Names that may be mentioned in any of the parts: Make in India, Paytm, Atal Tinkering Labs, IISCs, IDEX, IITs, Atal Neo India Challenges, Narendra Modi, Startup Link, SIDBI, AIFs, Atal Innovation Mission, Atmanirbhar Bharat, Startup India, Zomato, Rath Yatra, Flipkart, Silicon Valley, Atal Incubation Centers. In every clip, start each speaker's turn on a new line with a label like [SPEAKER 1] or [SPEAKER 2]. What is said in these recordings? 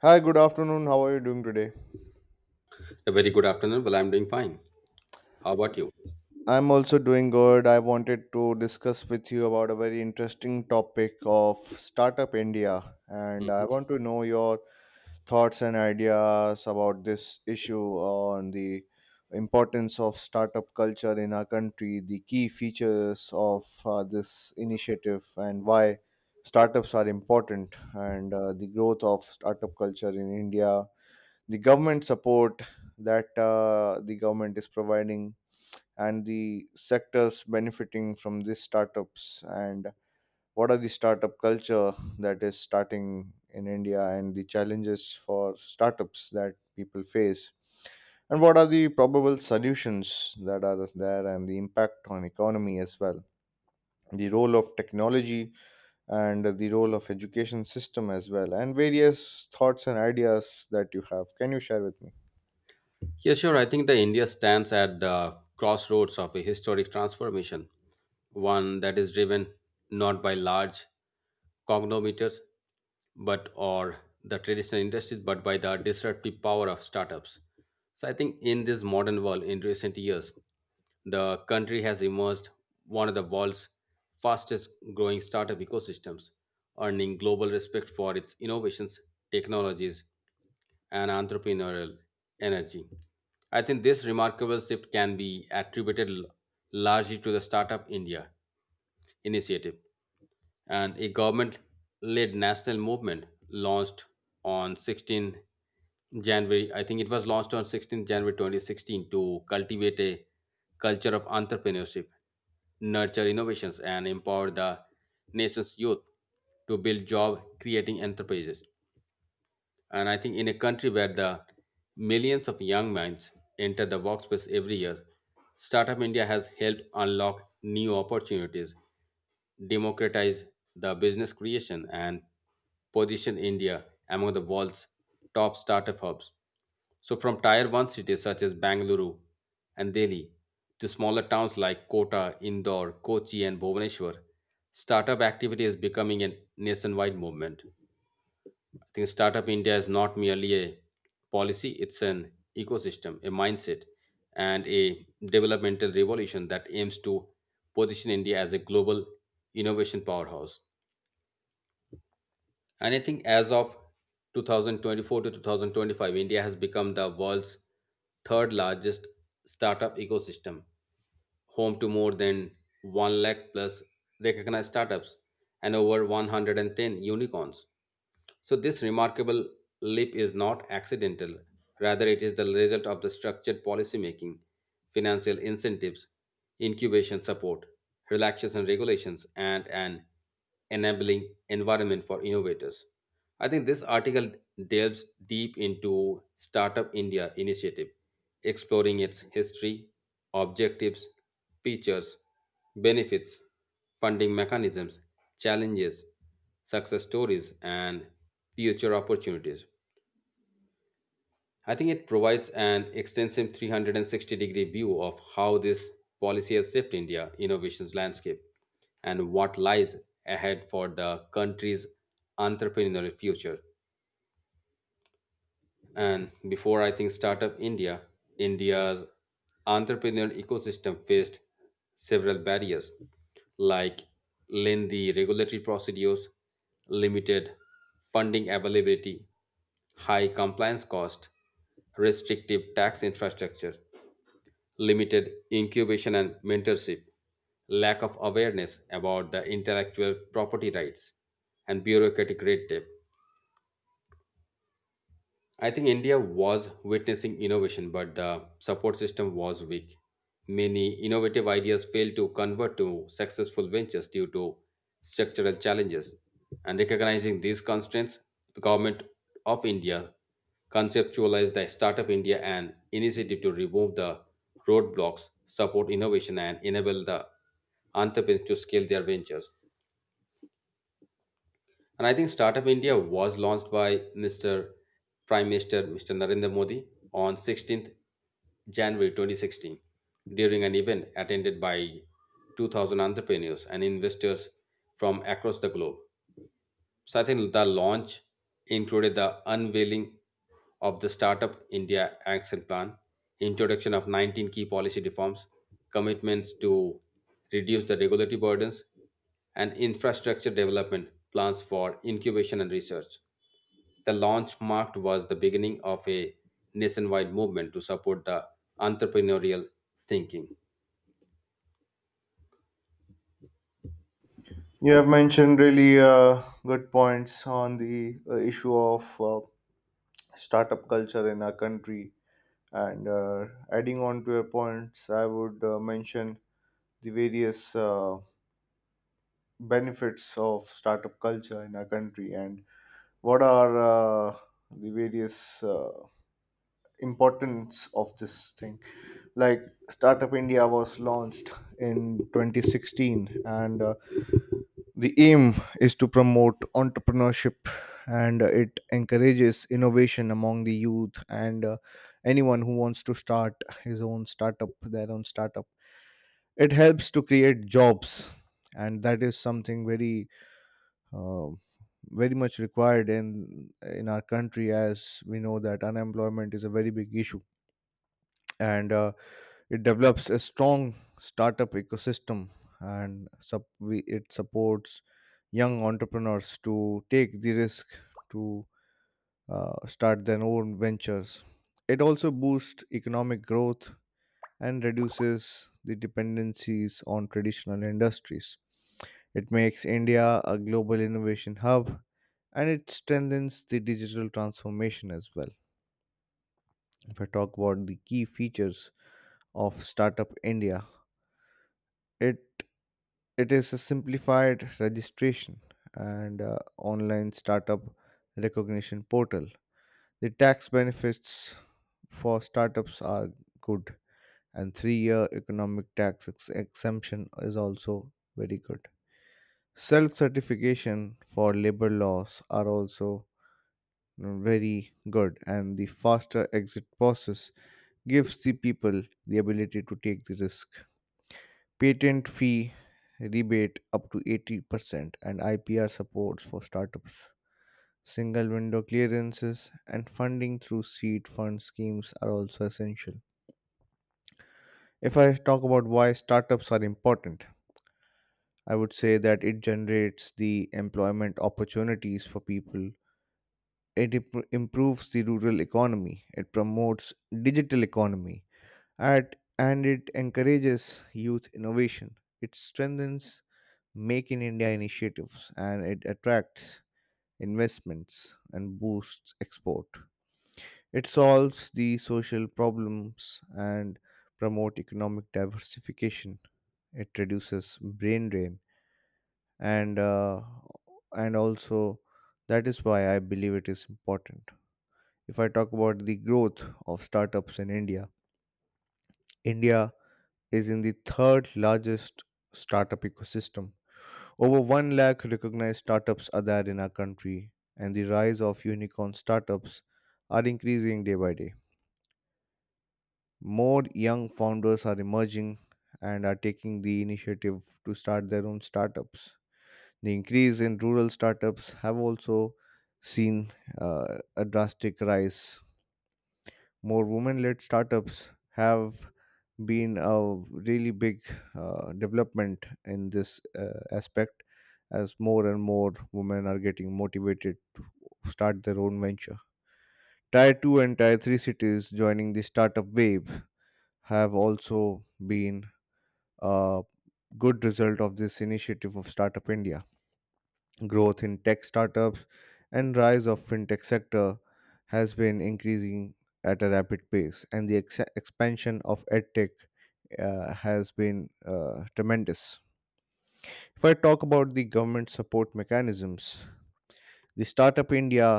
[SPEAKER 1] Hi, good afternoon. How are you doing today?
[SPEAKER 2] A very good afternoon. Well, I'm doing fine. How about you?
[SPEAKER 1] I'm also doing good. I wanted to discuss with you about a very interesting topic of Startup India, and I
[SPEAKER 2] Hmm.
[SPEAKER 1] want to know your thoughts and ideas about this issue on the importance of startup culture in our country, the key features of this initiative, and why startups are important, and the growth of startup culture in India, the government support that the government is providing, and the sectors benefiting from these startups, and what are the startup culture that is starting in India, and the challenges for startups that people face, and what are the probable solutions that are there, and the impact on economy as well, the role of technology, and the role of education system as well, and various thoughts and ideas that you have. Can you share with me?
[SPEAKER 2] Yeah, sure. I think the India stands at the crossroads of a historic transformation, one that is driven not by large cognometers, but or the traditional industries, but by the disruptive power of startups. So I think in this modern world, in recent years, the country has emerged one of the world's fastest growing startup ecosystems, earning global respect for its innovations, technologies, and entrepreneurial energy. I think this remarkable shift can be attributed largely to the Startup India initiative and a government led national movement launched on 16 January. I think it was launched on 16 January 2016 to cultivate a culture of entrepreneurship, nurture innovations, and empower the nation's youth to build job creating enterprises. And I think in a country where the millions of young minds enter the workspace every year, Startup India has helped unlock new opportunities, democratize the business creation, and position India among the world's top startup hubs. So, from tier 1 cities such as Bangalore and Delhi to smaller towns like Kota, Indore, Kochi, and Bhubaneswar, startup activity is becoming a nationwide movement. I think Startup India is not merely a policy, it's an ecosystem, a mindset, and a developmental revolution that aims to position India as a global innovation powerhouse. And I think as of 2024 to 2025, India has become the world's third largest startup ecosystem, home to more than 1 lakh plus recognized startups and over 110 unicorns. So, this remarkable leap is not accidental, rather, it is the result of the structured policymaking, financial incentives, incubation support, relaxation regulations, and an enabling environment for innovators. I think this article delves deep into Startup India initiative, exploring its history, objectives, features, benefits, funding mechanisms, challenges, success stories, and future opportunities. I think it provides an extensive 360-degree view of how this policy has shaped India innovations landscape and what lies ahead for the country's entrepreneurial future. And before I think Startup India, India's entrepreneurial ecosystem faced several barriers like lengthy regulatory procedures, limited funding availability, high compliance cost, restrictive tax infrastructure, limited incubation and mentorship, lack of awareness about the intellectual property rights, and bureaucratic red tape. I think India was witnessing innovation, but the support system was weak. Many innovative ideas failed to convert to successful ventures due to structural challenges. And recognizing these constraints, the government of India conceptualized the Startup India an initiative to remove the roadblocks, support innovation, and enable the entrepreneurs to scale their ventures. And I think Startup India was launched by Mr. Prime Minister Mr. Narendra Modi on 16th January 2016 during an event attended by 2,000 entrepreneurs and investors from across the globe. So I think the launch included the unveiling of the Startup India Action Plan, introduction of 19 key policy reforms, commitments to reduce the regulatory burdens, and infrastructure development plans for incubation and research. The launch marked was the beginning of a nationwide movement to support the entrepreneurial thinking.
[SPEAKER 1] You have mentioned really good points on the issue of startup culture in our country. And adding on to your points, I would mention the various benefits of startup culture in our country, and what are uh, the various importance of this thing, like Startup India was launched in 2016, and the aim is to promote entrepreneurship, and it encourages innovation among the youth, and anyone who wants to start his own startup their own startup. It helps to create jobs, and that is something very uh, very much required in our country, as we know that unemployment is a very big issue. And it develops a strong startup ecosystem, and it supports young entrepreneurs to take the risk to start their own ventures. It also boosts economic growth and reduces the dependencies on traditional industries. It makes India a global innovation hub, and it strengthens the digital transformation as well. If I talk about the key features of Startup India, it it is a simplified registration and online startup recognition portal. The tax benefits for startups are good, and 3-year economic tax exemption is also very good. Self certification for labor laws are also very good, and the faster exit process gives the people the ability to take the risk. Patent fee rebate up to 80% and IPR supports for startups. Single window clearances and funding through seed fund schemes are also essential. If I talk about why startups are important, I would say that it generates the employment opportunities for people. It improves the rural economy. It promotes digital economy. And it encourages youth innovation. It strengthens Make in India initiatives, and it attracts investments and boosts export. It solves the social problems and promote economic diversification. It reduces brain drain, and uh, and also, that is why I believe it is important. If I talk about the growth of startups in India, India is in the third largest startup ecosystem. Over 1 lakh recognized startups are there in our country, and the rise of unicorn startups are increasing day by day. More young founders are emerging and are taking the initiative to start their own startups. The increase in rural startups have also seen a drastic rise. More women led startups have been a really big development in this aspect, as more and more women are getting motivated to start their own venture. Tier 2 and Tier 3 cities joining the startup wave have also been a good result of this initiative of Startup India. Growth in tech startups and rise of fintech sector has been increasing at a rapid pace, and the expansion of edtech has been tremendous. If I talk about the government support mechanisms, the Startup India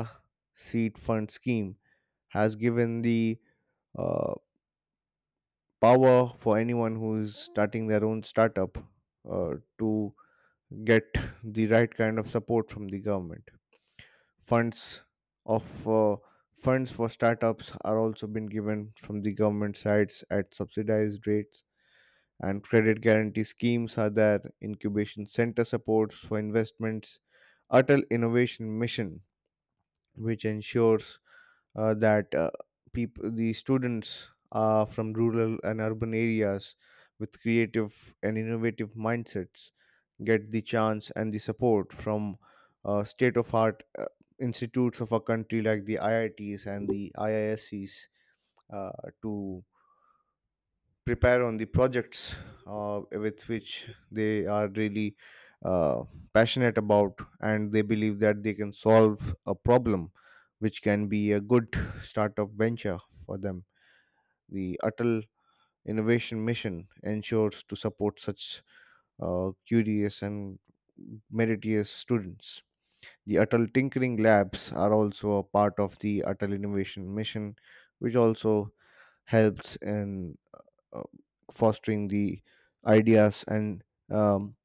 [SPEAKER 1] seed fund scheme has given the uh, power for anyone who is starting their own startup to get the right kind of support from the government. funds of uh, Funds for startups are also been given from the government sides at subsidized rates, and credit guarantee schemes are there, incubation center supports for investments, Atal Innovation Mission, which ensures that people, the students from rural and urban areas with creative and innovative mindsets get the chance and the support from state of art institutes of a country like the IITs and the IISCs uh, to prepare on the projects with which they are really uh, passionate about, and they believe that they can solve a problem which can be a good startup venture for them. The Atal Innovation Mission ensures to support such curious and meritorious students. The Atal Tinkering Labs are also a part of the Atal Innovation Mission, which also helps in uh, fostering the ideas, and um,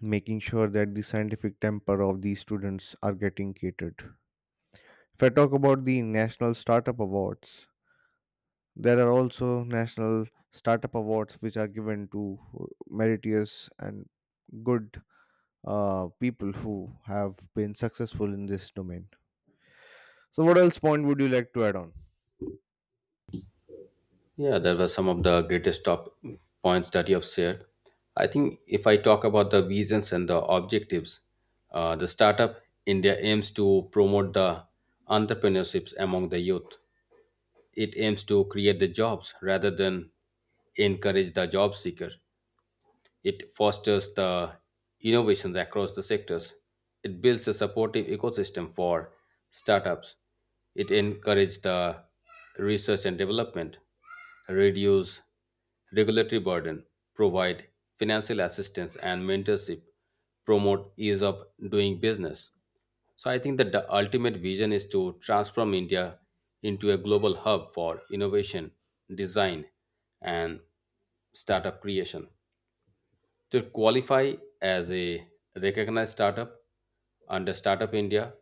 [SPEAKER 1] making sure that the scientific temper of the students are getting catered. If I talk about the National Startup Awards, there are also National Startup Awards which are given to meritorious and good people who have been successful in this domain. So, what else point would you like to add on?
[SPEAKER 2] Yeah, there were some of the greatest top points that you have shared. I think if I talk about the visions and the objectives, the Startup India aims to promote the entrepreneurships among the youth. It aims to create the jobs rather than encourage the job seeker. It fosters the innovations across the sectors. It builds a supportive ecosystem for startups. It encourages the research and development, reduce regulatory burden, provide financial assistance and mentorship, promote ease of doing business. So I think that the ultimate vision is to transform India into a global hub for innovation, design, and startup creation. To qualify as a recognized startup under Startup India,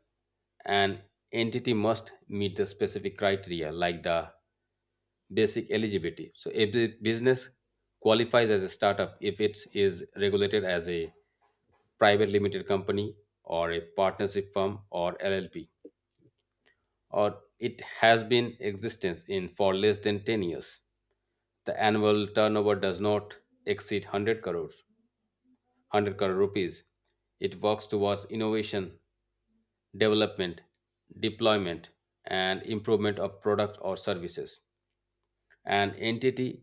[SPEAKER 2] an entity must meet the specific criteria like the basic eligibility. So, if the business qualifies as a startup if it is regulated as a private limited company or a partnership firm or LLP, or it has been existence in for less than 10 years. The annual turnover does not exceed 100 crores 100 crore rupees. It works towards innovation, development, deployment, and improvement of product or services. An entity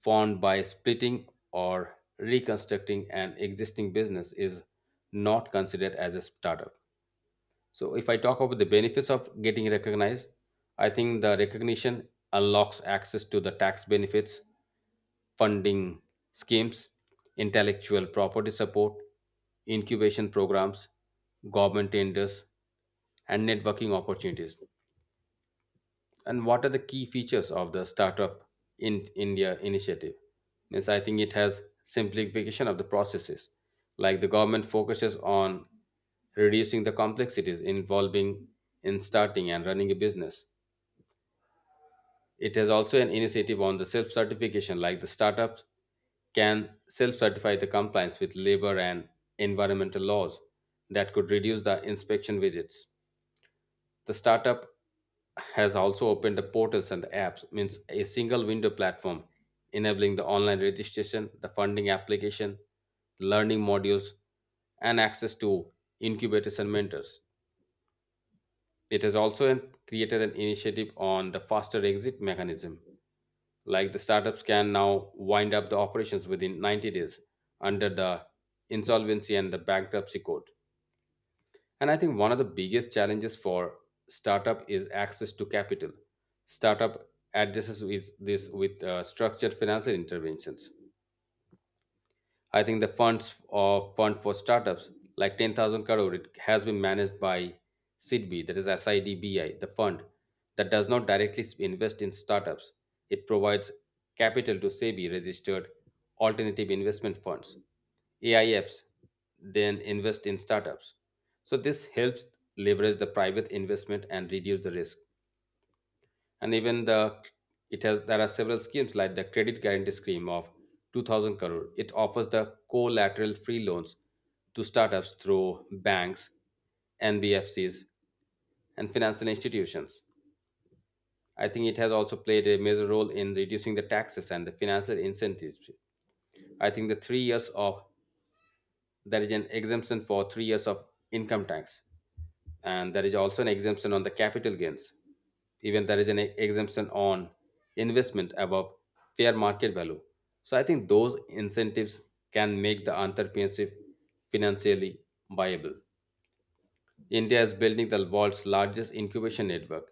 [SPEAKER 2] formed by splitting or reconstructing an existing business is not considered as a startup. So, if I talk about the benefits of getting recognized, I think the recognition unlocks access to the tax benefits, funding schemes, intellectual property support, incubation programs, government tenders, and networking opportunities. And what are the key features of the Startup in India initiative? Means I think it has simplification of the processes, like the government focuses on reducing the complexities involving in starting and running a business. It has also an initiative on the self-certification, like the startups can self-certify the compliance with labor and environmental laws that could reduce the inspection visits. The startup has also opened the portals and the apps, means a single window platform enabling the online registration, the funding application, learning modules, and access to incubators and mentors. It has also created an initiative on the faster exit mechanism, like the startups can now wind up the operations within 90 days under the insolvency and the bankruptcy code. And I think one of the biggest challenges for startup is access to capital. Startup addresses with this with structured financial interventions. I think the funds of fund for startups like 10,000 crore it has been managed by SIDBI, that is SIDBI, the fund that does not directly invest in startups, it provides capital to SEBI registered alternative investment funds A I Fs, then invest in startups. So this helps leverage the private investment and reduce the risk. And even the it has there are several schemes like the credit guarantee scheme of 2000 crore, it offers the collateral free loans to startups through banks, nbfcs, and financial institutions. I think it has also played a major role in reducing the taxes and the financial incentives. I think the 3 years of there is an exemption for 3 years of income tax, and there is also an exemption on the capital gains. Even there is an exemption on investment above fair market value. So I think those incentives can make the entrepreneurship financially viable. India is building the world's largest incubation network.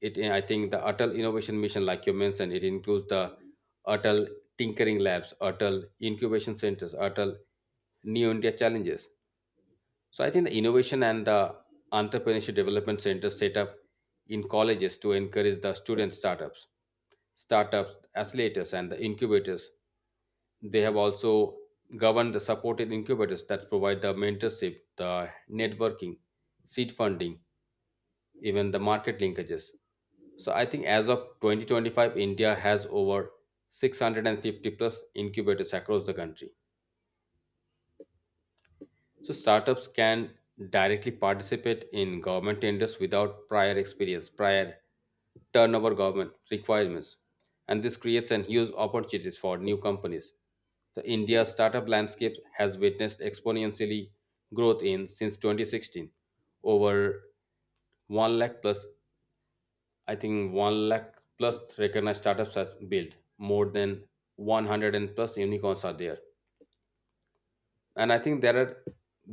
[SPEAKER 2] I think the Atal Innovation Mission, like you mentioned, it includes the Atal Tinkering Labs, Atal Incubation Centers, Atal Neo India Challenges. So I think the innovation and the entrepreneurship development center set up in colleges to encourage the startups, accelerators, and the incubators. They have also governed the supported incubators that provide the mentorship, the networking, seed funding, even the market linkages. So I think as of 2025, India has over 650 plus incubators across the country. So startups can directly participate in government tenders without prior experience, prior turnover government requirements. And this creates an huge opportunities for new companies. The India startup landscape has witnessed exponentially growth in since 2016. Over 1 lakh plus, I think 1 lakh plus recognized startups have built. More than 100 plus unicorns are there, and I think there are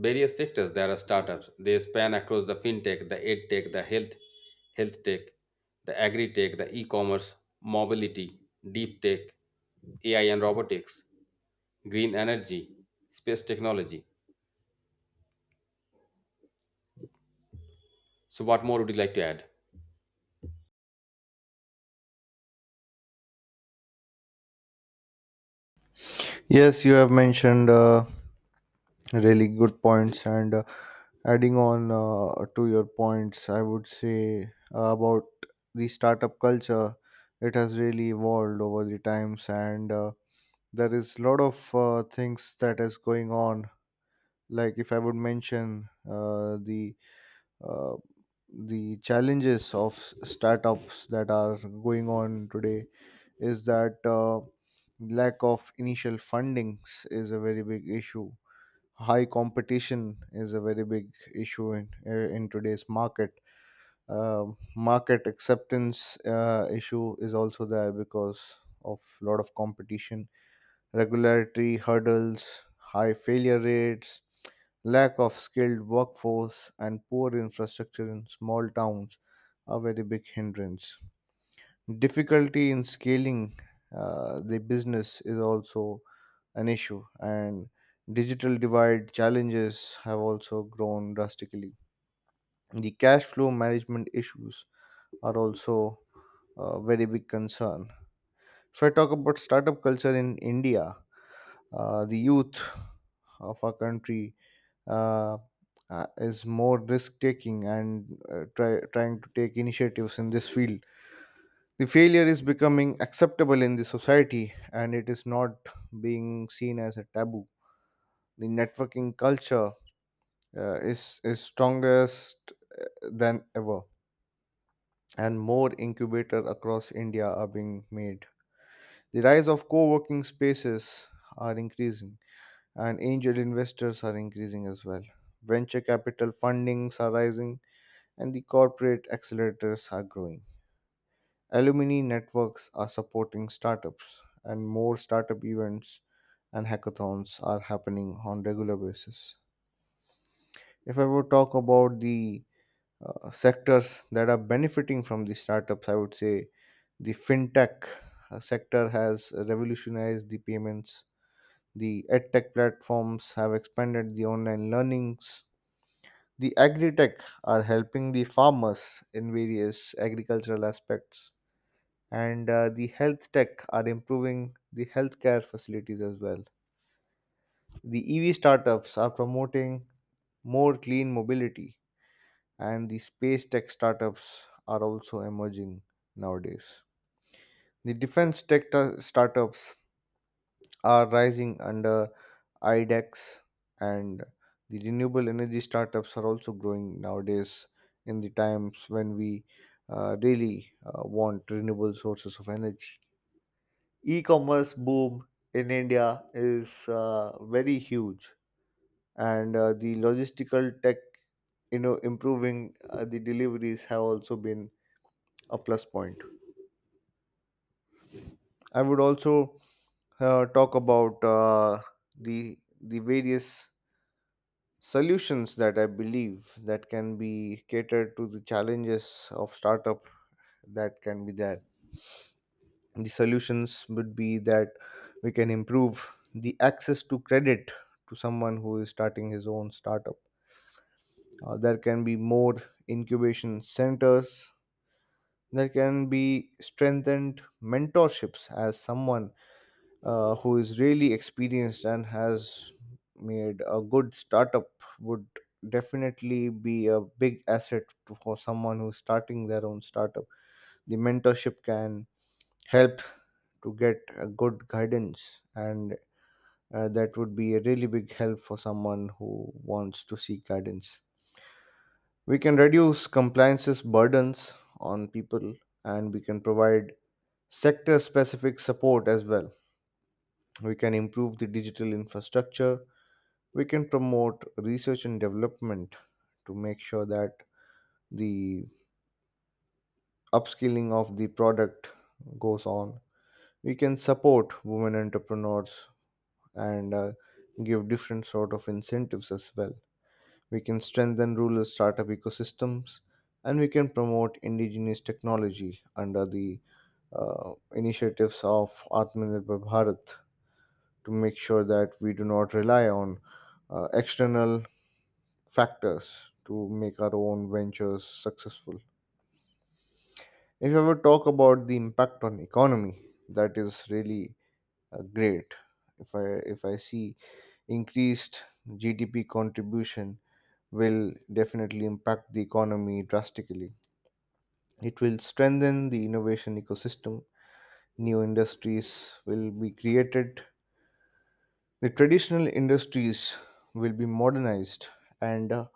[SPEAKER 2] various sectors, there are startups, they span across the fintech, the edtech, the health tech, the agri tech, the e-commerce, mobility, deep tech, ai and robotics, green energy, space technology. So what more would you like to add?
[SPEAKER 1] Yes, you have mentioned really good points, and adding on to your points, I would say about the startup culture. It has really evolved over the times, and there is a lot of things that is going on. Like, if I would mention uh, the challenges of startups that are going on today is that lack of initial fundings is a very big issue. High competition is a very big issue in today's market. Um, market acceptance issue is also there because of a lot of competition, regulatory hurdles, high failure rates, lack of skilled workforce, and poor infrastructure in small towns are very big hindrance. Difficulty in scaling the business is also an issue, and digital divide challenges have also grown drastically. The cash flow management issues are also a very big concern. If I talk about startup culture in India, the youth of our country uh, is more risk taking, and trying to take initiatives in this field. The failure is becoming acceptable in the society, and it is not being seen as a taboo. The networking culture is strongest uh, than ever, and more incubators across India are being made. The rise of co-working spaces are increasing, and angel investors are increasing as well. Venture capital fundings are rising, and the corporate accelerators are growing. Alumni networks are supporting startups, and more startup events and hackathons are happening on regular basis. If I would talk about the sectors that are benefiting from the startups, I would say the fintech sector has revolutionized the payments. The edtech platforms have expanded the online learnings. The agri-tech are helping the farmers in various agricultural aspects, and the health tech are improving the healthcare facilities as well. The EV startups are promoting more clean mobility, and the space tech startups are also emerging nowadays. The defense tech startups are rising under IDEX, and the renewable energy startups are also growing nowadays in the times when we really want renewable sources of energy. E-commerce boom in India is very huge, and the logistical tech improving the deliveries have also been a plus point. I would also talk about the various solutions that I believe that can be catered to the challenges of startup that can be there. The solutions would be that we can improve the access to credit to someone who is starting his own startup. There can be more incubation centers. There can be strengthened mentorships, as someone who is really experienced and has made a good startup would definitely be a big asset to, for someone who's starting their own startup. The mentorship can help to get a good guidance, and that would be a really big help for someone who wants to seek guidance. We can reduce compliance's burdens on people, and we can provide sector specific support as well. We can improve the digital infrastructure. We can promote research and development to make sure that the upskilling of the product goes on. We can support women entrepreneurs, and give different sort of incentives as well. We can strengthen rural startup ecosystems, and we can promote indigenous technology under the initiatives of Atmanirbhar Bharat to make sure that we do not rely on external factors to make our own ventures successful. If I would talk about the impact on economy, that is really great. If I if I see, increased GDP contribution will definitely impact the economy drastically. It will strengthen the innovation ecosystem. New industries will be created. The traditional industries will be modernized, and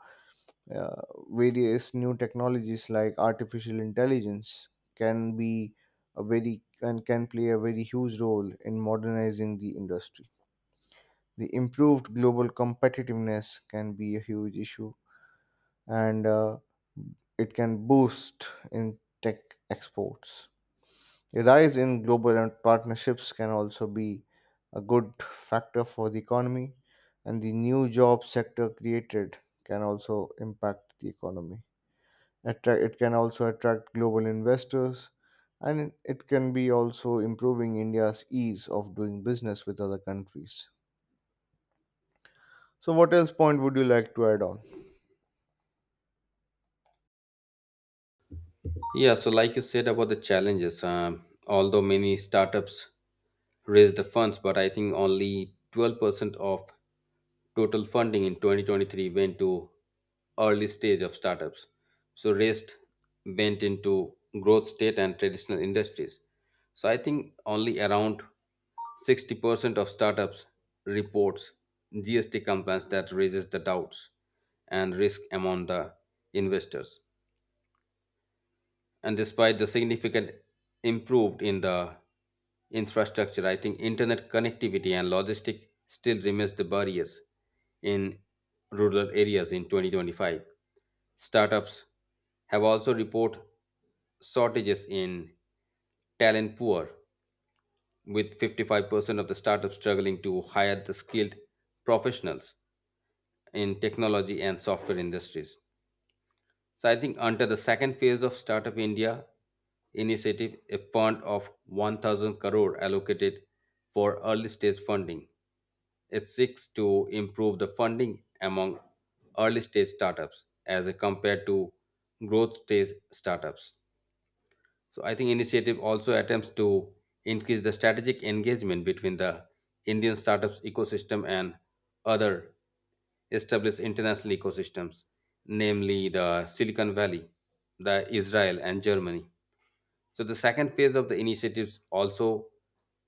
[SPEAKER 1] uh, various new technologies like artificial intelligence can be a very, and can play a very huge role in modernizing the industry. The improved global competitiveness can be a huge issue, and it can boost in tech exports. A rise in global and partnerships can also be a good factor for the economy, and the new job sector created can also impact the economy. It can also attract global investors, and it can be also improving India's ease of doing business with other countries. So, what else point would you like to add on?
[SPEAKER 2] Yeah, so like you said about the challenges, although many startups raise the funds, but I think only 12% of total funding in 2023 went to early stage of startups. So rest went into growth state and traditional industries. So I think only around 60% of startups reports GST compliance that raises the doubts and risk among the investors. And despite the significant improved in the infrastructure, I think internet connectivity and logistic still remains the barriers in rural areas. In 2025, startups have also report shortages in talent poor, with 55% of the startups struggling to hire the skilled professionals in technology and software industries. So I think under the second phase of Startup India initiative, a fund of 1,000 crore allocated for early stage funding. It seeks to improve the funding among early stage startups as compared to growth stage startups. So I think initiative also attempts to increase the strategic engagement between the Indian startups ecosystem and other established international ecosystems, namely the Silicon Valley, the Israel and Germany. So the second phase of the initiatives also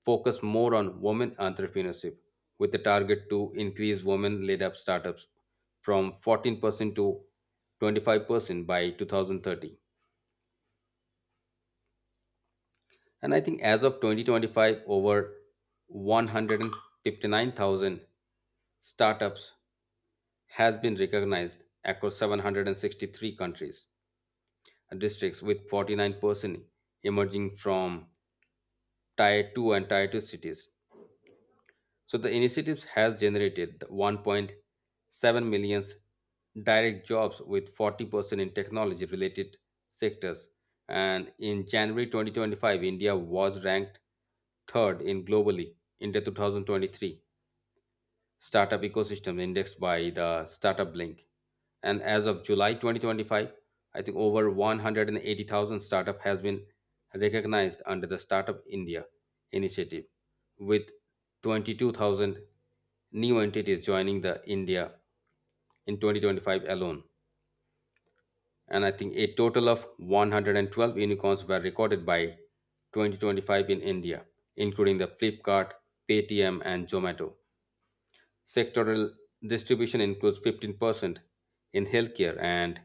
[SPEAKER 2] focus more on women entrepreneurship with the target to increase women led up startups from 14% to 25% by 2030. And I think as of 2025, over 159,000 startups has been recognized across 763 countries and districts with 49% emerging from tier 2 cities. So the initiatives has generated 1.7 million direct jobs with 40% in technology related sectors. And in January 2025, India was ranked third in globally in the 2023 startup ecosystem indexed by the Startup Link. And as of July 2025, I think over 180,000 startup has been recognized under the Startup India initiative, with 22,000 new entities joining the India in 2025 alone. And I think a total of 112 unicorns were recorded by 2025 in India, including the Flipkart, Paytm, and Zomato. Sectoral distribution includes 15% in healthcare and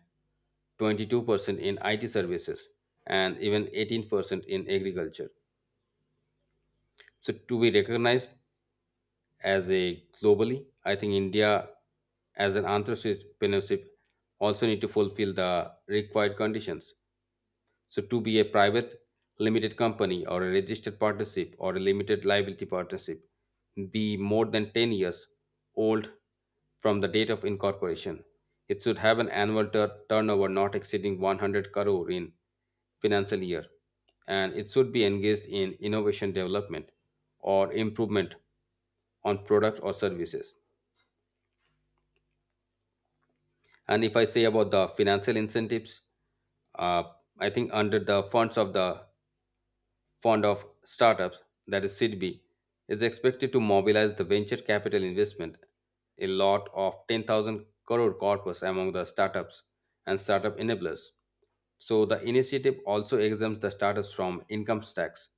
[SPEAKER 2] 22% in IT services and even 18% in agriculture. So to be recognized as a globally, I think India as an entrepreneurship also need to fulfill the required conditions. So, to be a private limited company or a registered partnership or a limited liability partnership, be more than 10 years old from the date of incorporation. It should have an annual turnover not exceeding 100 crore in financial year, and it should be engaged in innovation development or improvement on product or services. And if I say about the financial incentives, uh, I think under the funds of the fond of startups, that is SIDBI, is expected to mobilize the venture capital investment, a lot of 10,000 crore corpus among the startups and startup enablers. So the initiative also exempts the startups from income tax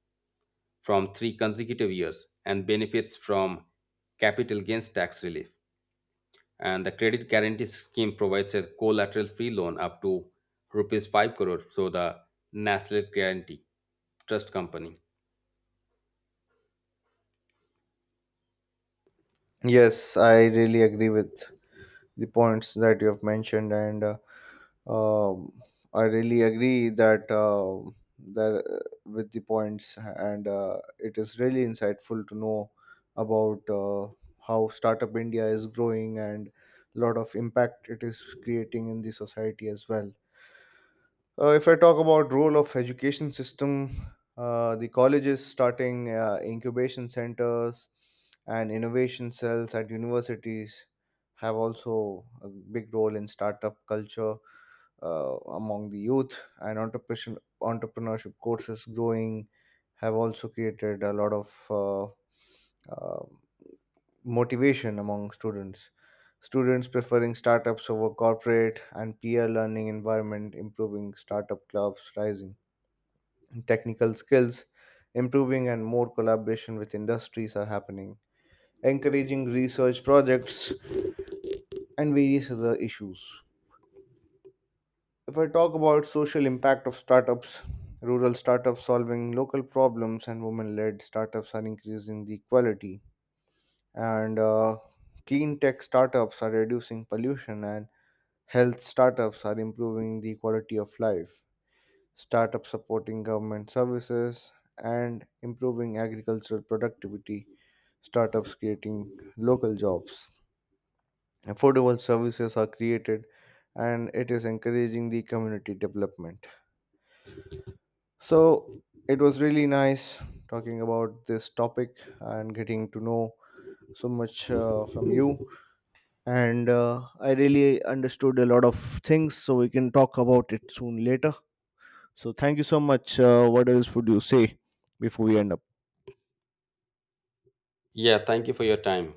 [SPEAKER 2] from three consecutive years and benefits from capital gains tax relief. And the credit guarantee scheme provides a collateral free loan up to rupees 5 crore. So the National Guarantee Trust Company.
[SPEAKER 1] Yes, I really agree with the points that you have mentioned, and um, I really agree that that with the points, and it is really insightful to know about how Startup India is growing, and lot of impact it is creating in the society as well. If I talk about role of education system, the colleges starting incubation centers and innovation cells at universities have also a big role in startup culture among the youth, and entrepreneurship courses growing have also created a lot of uh, motivation among students. Students preferring startups over corporate and peer learning environment improving, startup clubs rising. Technical skills improving, and more collaboration with industries are happening. Encouraging research projects and various other issues. If I talk about social impact of startups, rural startups solving local problems and women-led startups are increasing the equality, and clean tech startups are reducing pollution, and health startups are improving the quality of life, startups supporting government services, and improving agricultural productivity, startups creating local jobs. Affordable services are created, and it is encouraging the community development. So, it was really nice talking about this topic and getting to know so much from you. And I really understood a lot of things, so we can talk about it soon later. So thank you so much. What else would you say before we end up?
[SPEAKER 2] Yeah, thank you for your time.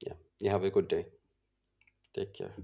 [SPEAKER 2] Yeah. You have a good day. Take care.